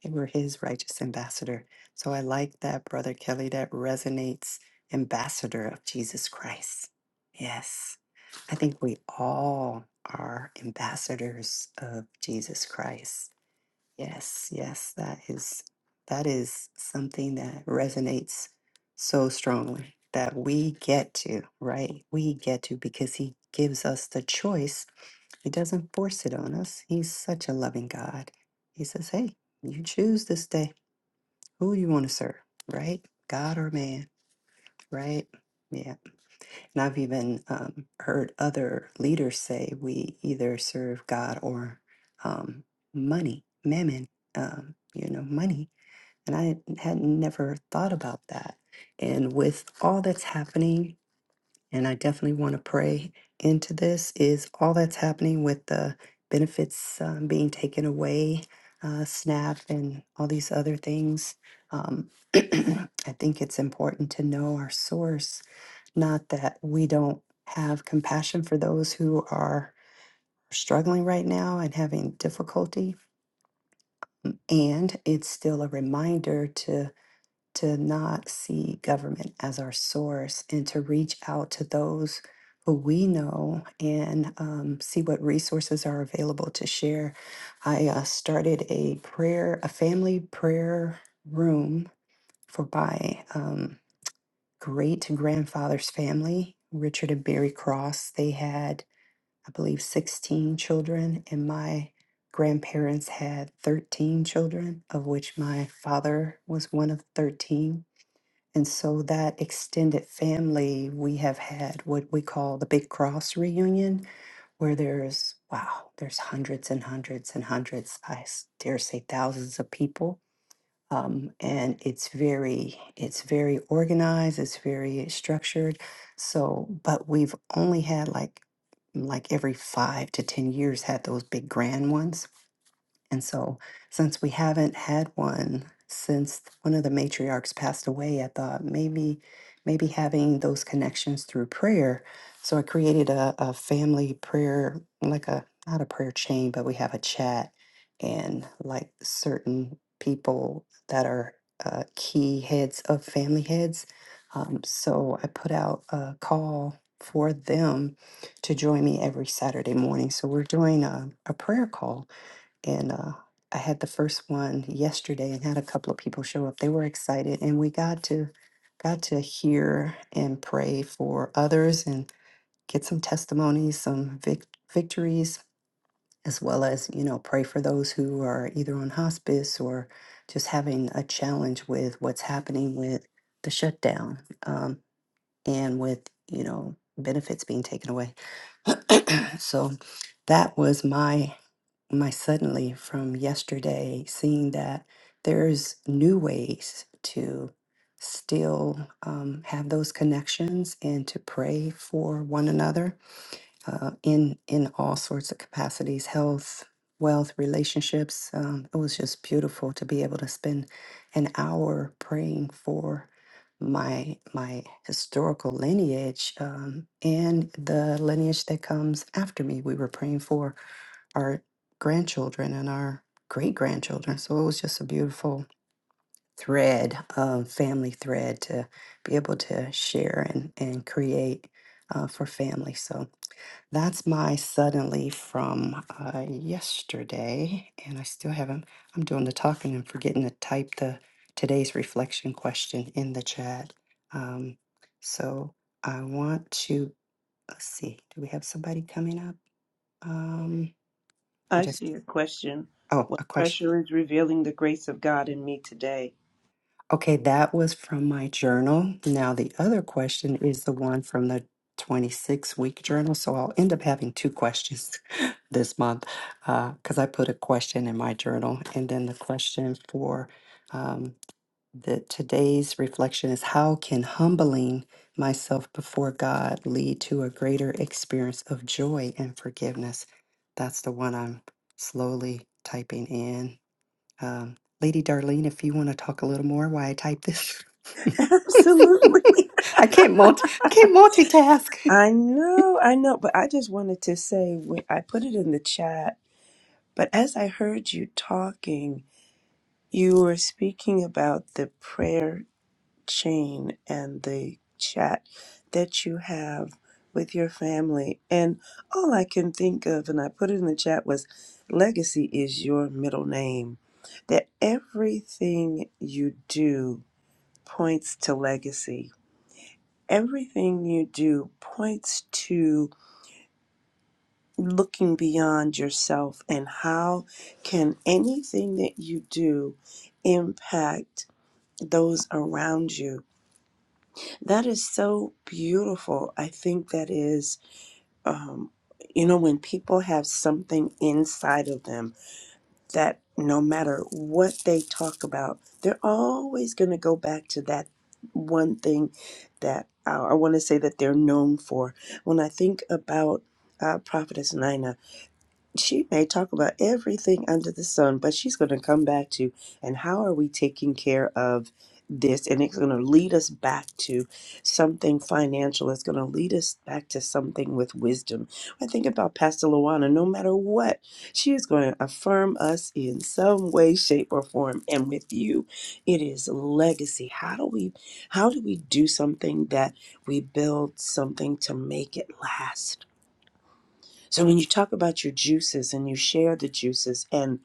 [SPEAKER 1] They were his righteous ambassador. So I like that, Brother Kelly. That resonates. Ambassador of Jesus Christ. Yes. I think we all are ambassadors of Jesus Christ. Yes, yes, that is that is something that resonates so strongly that we get to, right? We get to because he gives us the choice. He doesn't force it on us. He's such a loving God. He says, "Hey, you choose this day who you want to serve, right? God or man, right?" Yeah. And I've even um, heard other leaders say we either serve God or um, money, mammon, um, you know, money and I had never thought about that. And with all that's happening, and I definitely want to pray into this, is all that's happening with the benefits um, being taken away, uh, SNAP, and all these other things. Um, [clears throat] I think it's important to know our source, not that we don't have compassion for those who are struggling right now and having difficulty. And it's still a reminder to to not see government as our source and to reach out to those who we know and um, see what resources are available to share. I uh, started a prayer, a family prayer room for my um, great grandfather's family, Richard and Barry Cross. They had, I believe, 16 children, and my grandparents had 13 children, of which my father was one of 13 and so that extended family, we have had what we call the Big Cross reunion, where there's, wow, there's hundreds and hundreds and hundreds, I s- dare say thousands of people. Um, and it's very, it's very organized, it's very structured. So, but we've only had like, like every five to 10 years had those big grand ones and so, since we haven't had one since one of the matriarchs passed away, I thought maybe, maybe having those connections through prayer. So I created a, a family prayer, like a not a prayer chain, but we have a chat, and like certain people that are uh, key heads of family heads. Um, so I put out a call for them to join me every Saturday morning. So we're doing a, a prayer call and uh, I had the first one yesterday and had a couple of people show up. They were excited, and we got to got to hear and pray for others and get some testimonies, some vic- victories, as well as you know pray for those who are either on hospice or just having a challenge with what's happening with the shutdown um, and with you know benefits being taken away. [clears throat] so that was my my suddenly from yesterday, seeing that there's new ways to still um, have those connections and to pray for one another uh, in in all sorts of capacities, health, wealth, relationships. Um, it was just beautiful to be able to spend an hour praying for my my historical lineage um, and the lineage that comes after me. We were praying for our grandchildren and our great grandchildren. So it was just a beautiful thread, um, family thread to be able to share and, and create uh, for family. So that's my suddenly from uh, yesterday. And I still haven't, I'm doing the talking and forgetting to type the today's reflection question in the chat. Um, so I want to, let's see, do we have somebody coming up? Um, I
[SPEAKER 3] I
[SPEAKER 1] just,
[SPEAKER 3] see a question.
[SPEAKER 1] oh,
[SPEAKER 3] What
[SPEAKER 1] a question.
[SPEAKER 3] pressure is revealing the grace of God in me today?
[SPEAKER 1] Okay, that was from my journal. Now, the other question is the one from the 26 week journal. So I'll end up having two questions [laughs] this month because I put a question in my journal. And then the question for um, the, today's reflection is How can humbling myself before God lead to a greater experience of joy and forgiveness? That's the one I'm slowly typing in um, Lady Darlene, if you want to talk a little more while I type this, [laughs]
[SPEAKER 3] [laughs] Absolutely.
[SPEAKER 1] I can't multi, I can't multitask.
[SPEAKER 3] I
[SPEAKER 1] [laughs]
[SPEAKER 3] know, I know, but I just wanted to say, wh- I put it in the chat, but as I heard you talking, you were speaking about the prayer chain and the chat that you have with your family. And all I can think of, and I put it in the chat, was legacy is your middle name. That everything you do points to legacy. Everything you do points to looking beyond yourself and how can anything that you do impact those around you That is so beautiful. I think that is, um, you know, when people have something inside of them that no matter what they talk about, they're always going to go back to that one thing that uh, I want to say that they're known for. When I think about uh, Prophetess Nina, she may talk about everything under the sun, but she's going to come back to and how are we taking care of this? And it's going to lead us back to something financial. It's going to lead us back to something with wisdom. I think about Pastor Luana, no matter what, she is going to affirm us in some way, shape, or form. And with you, it is legacy. How do we how do we do something that we build something to make it last? So when you talk about your juices and you share the juices and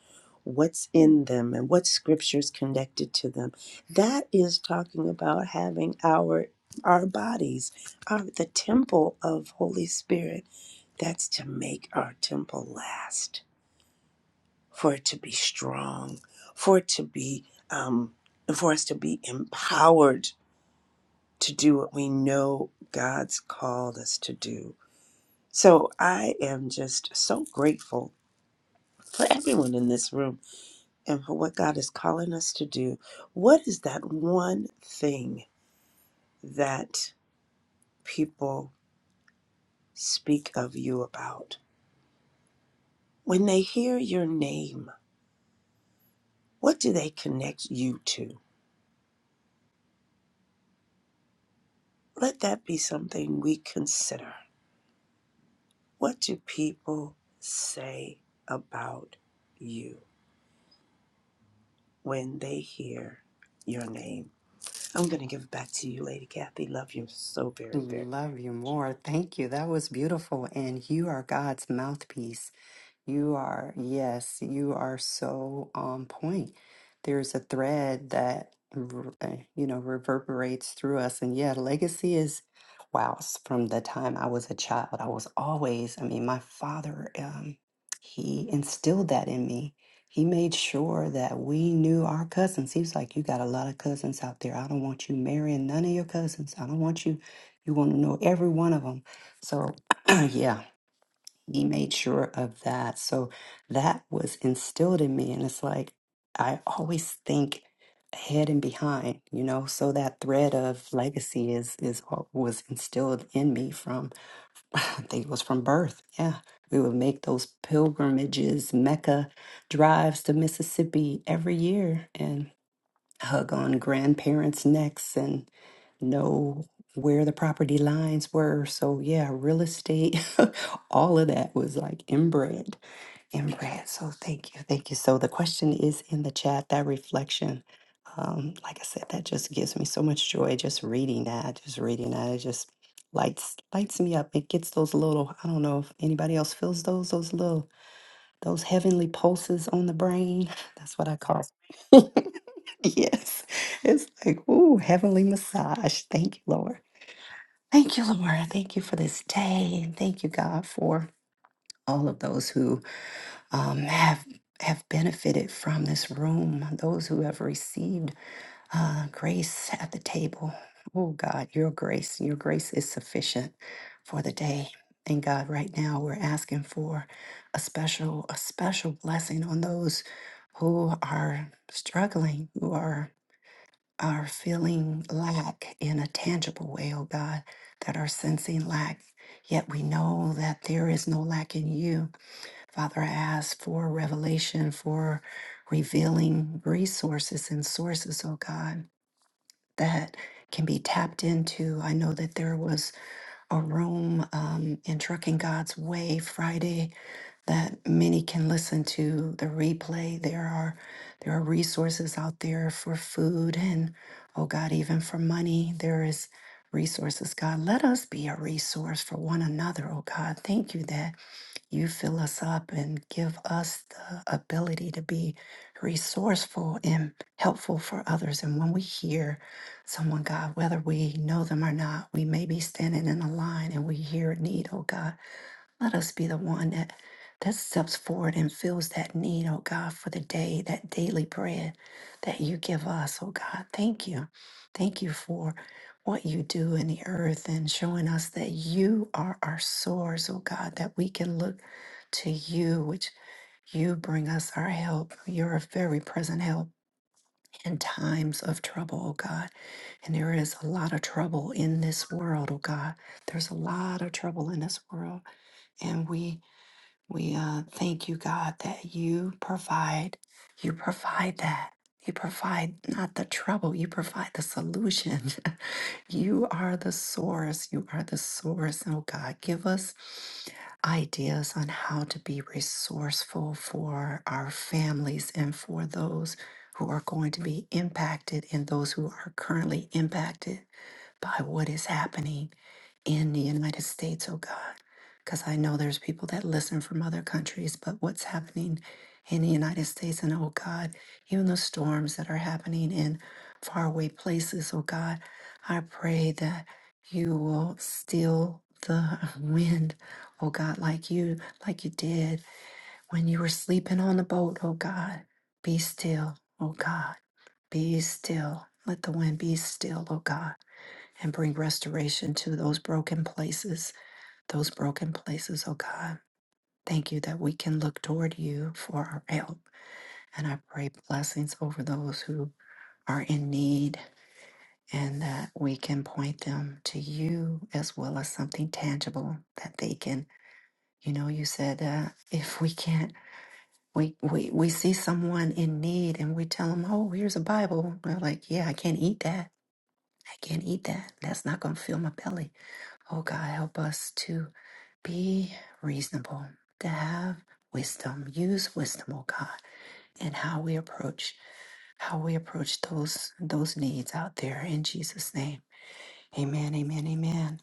[SPEAKER 3] what's in them and what scriptures connected to them, that is talking about having our our bodies, our, the temple of Holy Spirit. That's to make our temple last, for it to be strong, for it to be, um, for us to be empowered to do what we know God's called us to do. So I am just so grateful for everyone in this room and for what God is calling us to do. What is that one thing that people speak of you about? When they hear your name, what do they connect you to? Let that be something we consider. What do people say about you when they hear your name? I'm going to give it back to you, Lady Kathy. Love you so very, very.
[SPEAKER 1] Love you more. Thank you. That was beautiful. And you are God's mouthpiece. You are, yes, you are so on point. There's a thread that, r- uh, you know, reverberates through us. And yeah, legacy is, wow, s- from the time I was a child, I was always, I mean, my father, um, he instilled that in me. He made sure that we knew our cousins. He was like, You got a lot of cousins out there. I don't want you marrying none of your cousins. I don't want you, you want to know every one of them. So, [clears throat] yeah, he made sure of that. So that was instilled in me. And it's like, I always think ahead and behind, you know, so that thread of legacy is, is what was instilled in me from, [sighs] [laughs] I think it was from birth. Yeah. We would make those pilgrimages, Mecca drives to Mississippi every year and hug on grandparents' necks know where the property lines were. So yeah, real estate, [laughs] all of that was like inbred, inbred. So thank you, thank you. So the question is in the chat. That reflection, um, like I said, that just gives me so much joy just reading that, just reading that. It just lights lights me up. It gets those little. I don't know if anybody else feels those those little those heavenly pulses on the brain. [laughs] That's what I call. [laughs] yes, it's like ooh, heavenly massage. Thank you, Lord. Thank you, Laura. Thank you for this day, and thank you, God, for all of those who um, have have benefited from this room. Those who have received uh, grace at the table. Oh God, your grace, your grace is sufficient for the day. And God, right now we're asking for a special, a special blessing on those who are struggling, who are are feeling lack in a tangible way, oh God, that are sensing lack. Yet we know that there is no lack in you. Father, I ask for revelation, for revealing resources and sources, oh God, that can be tapped into. I know that there was a room um, in Trucking God's Way Friday that many can listen to the replay. There are there are resources out there for food and oh God, even for money. There is resources, God. Let us be a resource for one another, oh God. Thank you that you fill us up and give us the ability to be resourceful and helpful for others. And when we hear someone, God, whether we know them or not, we may be standing in a line and we hear a need, oh God. Let us be the one that, that steps forward and fills that need, oh God, for the day, that daily bread that you give us, oh God. Thank you. Thank you for what you do in the earth and showing us that you are our source, oh God, that we can look to you, which you bring us our help. You're a very present help in times of trouble, oh God. And there is a lot of trouble in this world, oh God. There's a lot of trouble in this world. And we we uh, thank you, God, that you provide. You provide that. You provide not the trouble, you provide the solution. [laughs] you are the source. You are the source. Oh, God, give us ideas on how to be resourceful for our families and for those who are going to be impacted and those who are currently impacted by what is happening in the United States, oh God. Because I know there's people that listen from other countries, but what's happening in the United States, and oh God, even the storms that are happening in faraway places, oh God, I pray that you will still the [laughs] wind, oh God, like you, like you did when you were sleeping on the boat, oh God. Be still, oh God, be still. Let the wind be still, oh God and bring restoration to those broken places, those broken places, oh God. Thank you that we can look toward you for our help. And I pray blessings over those who are in need and that we can point them to you as well as something tangible that they can, you know, you said uh, if we can't. We, we, we see someone in need and we tell them, oh, here's a Bible. They're like, yeah, I can't eat that. I can't eat that. That's not going to fill my belly. Oh God, help us to Be reasonable, to have wisdom, use wisdom, oh God, in how we approach how we approach those those needs out there in Jesus' name. Amen, amen, amen.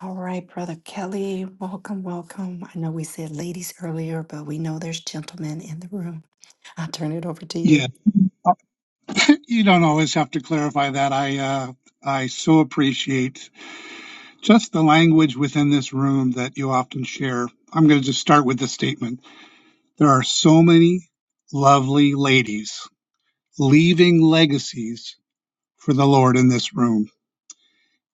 [SPEAKER 1] All right, Brother Kelly, welcome, welcome. I know we said ladies earlier, but we know there's gentlemen in the room. I'll turn it over to you.
[SPEAKER 5] Yeah, you don't always have to clarify that. I uh, I so appreciate just the language within this room that you often share. I'm going to just start with the statement. There are so many lovely ladies leaving legacies for the Lord in this room,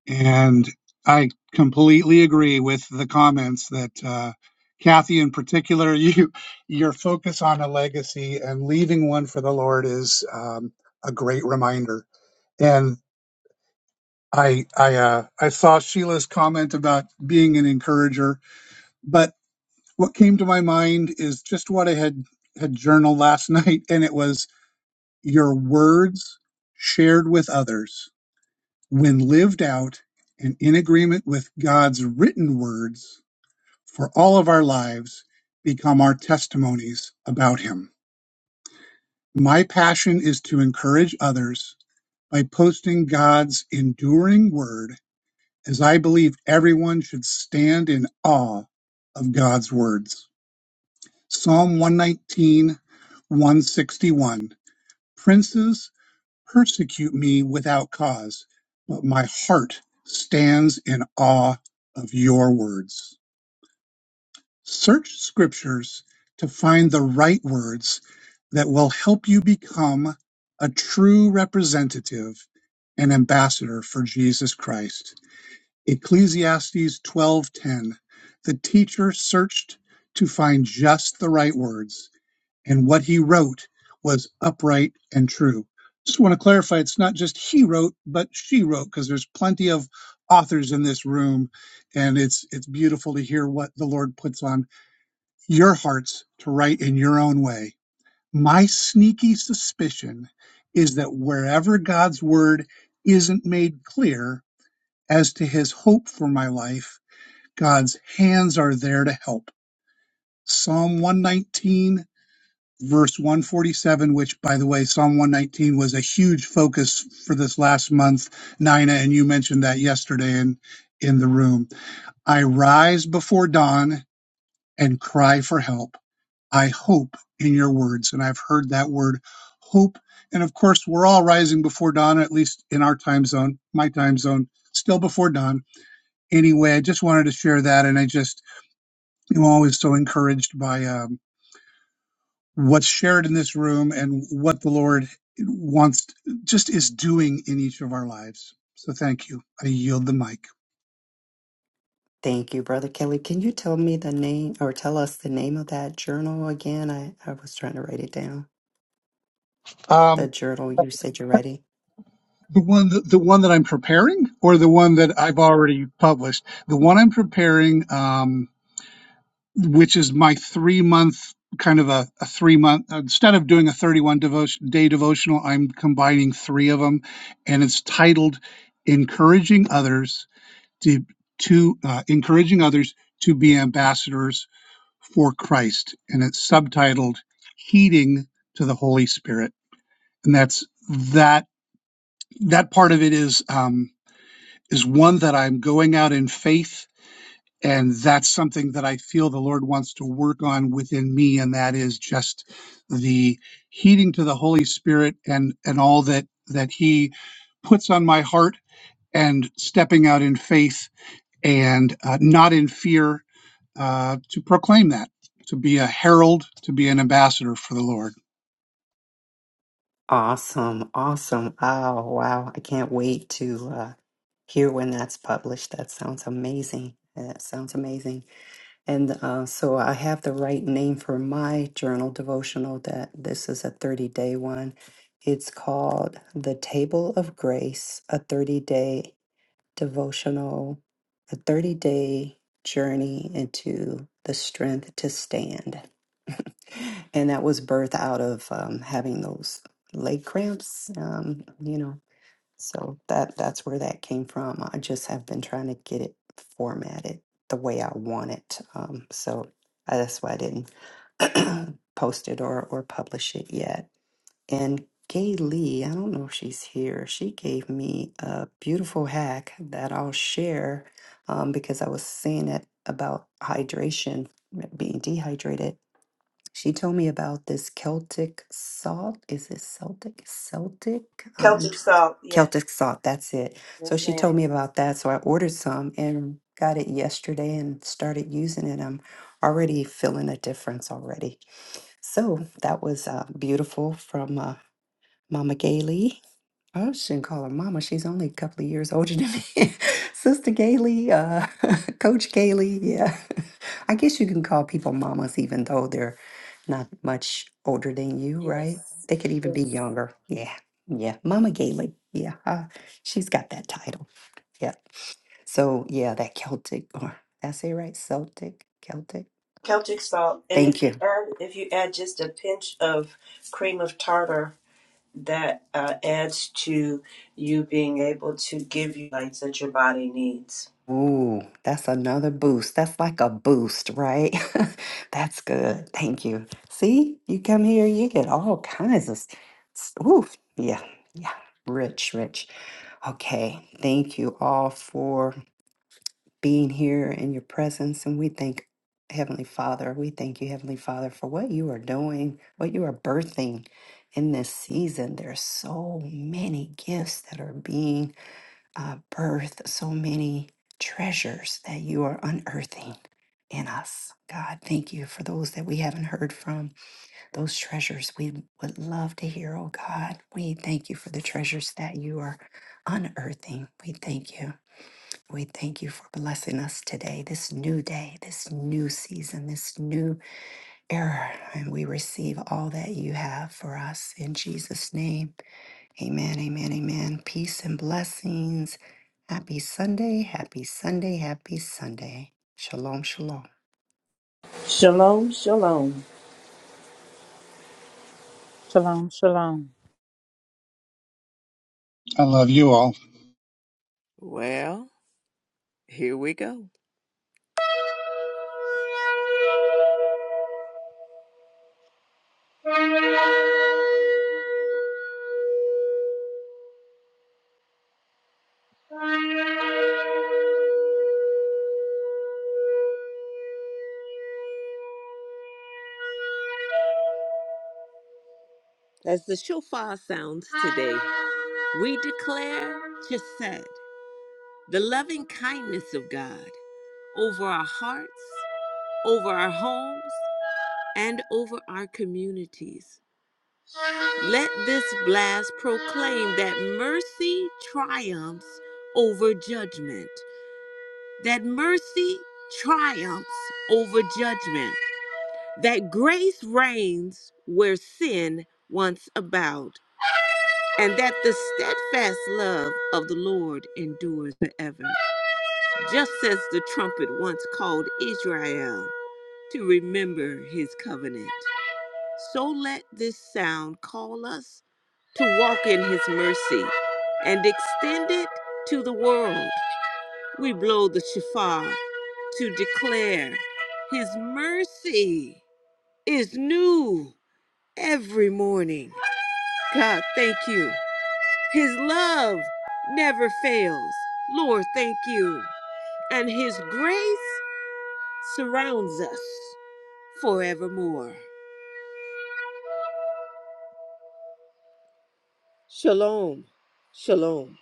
[SPEAKER 5] and I completely agree with the comments that uh, Kathy, in particular, [laughs] you your focus on a legacy and leaving one for the Lord is um, a great reminder. and. I I uh, I saw Sheila's comment about being an encourager, but what came to my mind is just what I had had journaled last [laughs] night, and it was your words shared with others when lived out and in agreement with God's written words for all of our lives become our testimonies about Him. My passion is to encourage others by posting God's enduring word as I believe everyone should stand in awe of God's words. Psalm 119, 161. Princes persecute me without cause, but my heart stands in awe of your words. Search scriptures to find the right words that will help you become a true representative and ambassador for Jesus Christ. Ecclesiastes 12:10 The teacher searched to find just the right words and what he wrote was upright and true. Just want to clarify it's not just he wrote but she wrote because there's plenty of authors in this room and it's it's beautiful to hear what the Lord puts on your hearts to write in your own way. My sneaky suspicion is that wherever God's word isn't made clear as to his hope for my life God's hands are there to help. Psalm 119, verse 147, which, by the way, Psalm 119 was a huge focus for this last month, Nina, and you mentioned that yesterday in, in the room. I rise before dawn and cry for help. I hope in your words. And I've heard that word hope. And of course, we're all rising before dawn, at least in our time zone, my time zone, still before dawn. Anyway, I just wanted to share that. And I just, I'm always so encouraged by um, what's shared in this room and what the Lord wants, just is doing in each of our lives. So thank you. I yield the mic.
[SPEAKER 1] Thank you, Brother Kelly. Can you tell me the name or tell us the name of that journal again? I, I was trying to write it down. The
[SPEAKER 5] Um,
[SPEAKER 1] journal you said you're writing.
[SPEAKER 5] the one, that, the one that I'm preparing, or the one that I've already published. The one I'm preparing, um, which is my three month kind of a, a three month instead of doing a 31 devotion, day devotional, I'm combining three of them, and it's titled "Encouraging Others." to, to uh, encouraging others to be ambassadors for Christ. And it's subtitled Heeding to the Holy Spirit. And that's that that part of it is um, is one that I'm going out in faith. And that's something that I feel the Lord wants to work on within me. And that is just the heeding to the Holy Spirit and, and all that, that he puts on my heart and stepping out in faith and uh, not in fear uh, to proclaim that, to be a herald, to be an ambassador for the Lord.
[SPEAKER 1] Awesome, awesome. Oh, wow. I can't wait to uh, hear when that's published. That sounds amazing. That sounds amazing. And uh, so I have the right name for my journal devotional that this is a 30 day one. It's called The Table of Grace, a 30 day devotional, a 30 day journey into the strength to stand. [laughs] and that was birthed out of um, having those leg cramps, um, you know. So that that's where that came from. I just have been trying to get it formatted the way I want it. Um, so I, that's why I didn't [clears throat] post it or, or publish it yet and Gay Lee, I don't know if she's here, she gave me a beautiful hack that I'll share um, because I was saying it about hydration, being dehydrated. She told me about this Celtic salt. Is it Celtic? Celtic? Um,
[SPEAKER 3] Celtic
[SPEAKER 1] j-
[SPEAKER 3] salt, yes.
[SPEAKER 1] Celtic salt, that's it. So
[SPEAKER 3] Yes,
[SPEAKER 1] she
[SPEAKER 3] ma'am.
[SPEAKER 1] told me about that. So I ordered some and got it yesterday and started using it. I'm already feeling a difference already. So that was uh, beautiful from. uh, Mama Gailey. I shouldn't call her Mama. She's only a couple of years older than me. [laughs] Sister Gailey, uh, [laughs] Coach Gailey. Yeah. [laughs] I guess you can call people mamas even though they're not much older than you,
[SPEAKER 4] Yeah.
[SPEAKER 1] right? They could even be younger. Yeah. Yeah. Mama Gailey. Yeah. Uh, she's got that title. Yeah. So, yeah, that Celtic, or that's it, right? Celtic, Celtic.
[SPEAKER 3] Celtic salt, and if
[SPEAKER 1] Thank you.
[SPEAKER 3] you add if you add just a pinch of cream of tartar, that uh, adds to you being able to give you lights that your body needs.
[SPEAKER 1] Ooh, that's another boost. That's like a boost, right? [laughs] That's good. Thank you. See, you come here, you get all kinds of. s- s- Ooh, yeah, yeah. Rich, rich. Okay. Thank you all for being here in your presence. And we thank Heavenly Father. We thank you, Heavenly Father, for what you are doing, what you are birthing in this season. There are so many gifts that are being uh, birth so many treasures that you are unearthing in us. God, thank you for those that we haven't heard from, those treasures we would love to hear, oh God. We thank you for the treasures that you are unearthing. We thank you. We thank you for blessing us today, this new day, this new season, this new era. And we receive all that you have for us in Jesus' name. Amen, amen, amen. Peace and blessings. Happy Sunday, happy Sunday, happy Sunday. Shalom, shalom.
[SPEAKER 3] Shalom, shalom.
[SPEAKER 4] Shalom, shalom.
[SPEAKER 5] I love you all.
[SPEAKER 2] Well. Here we go. As the shofar sounds today, we declare Chesed, the loving kindness of God, over our hearts, over our homes, and over our communities. Let this blast proclaim that mercy triumphs over judgment, that mercy triumphs over judgment, that grace reigns where sin once abound. and that the steadfast love of the Lord endures forever. Just as the trumpet once called Israel to remember his covenant, so let this sound call us to walk in his mercy and extend it to the world. We blow the shofar to declare his mercy is new every morning. God, thank you His love never fails. Lord, thank you. And His grace surrounds us forevermore. Shalom. Shalom.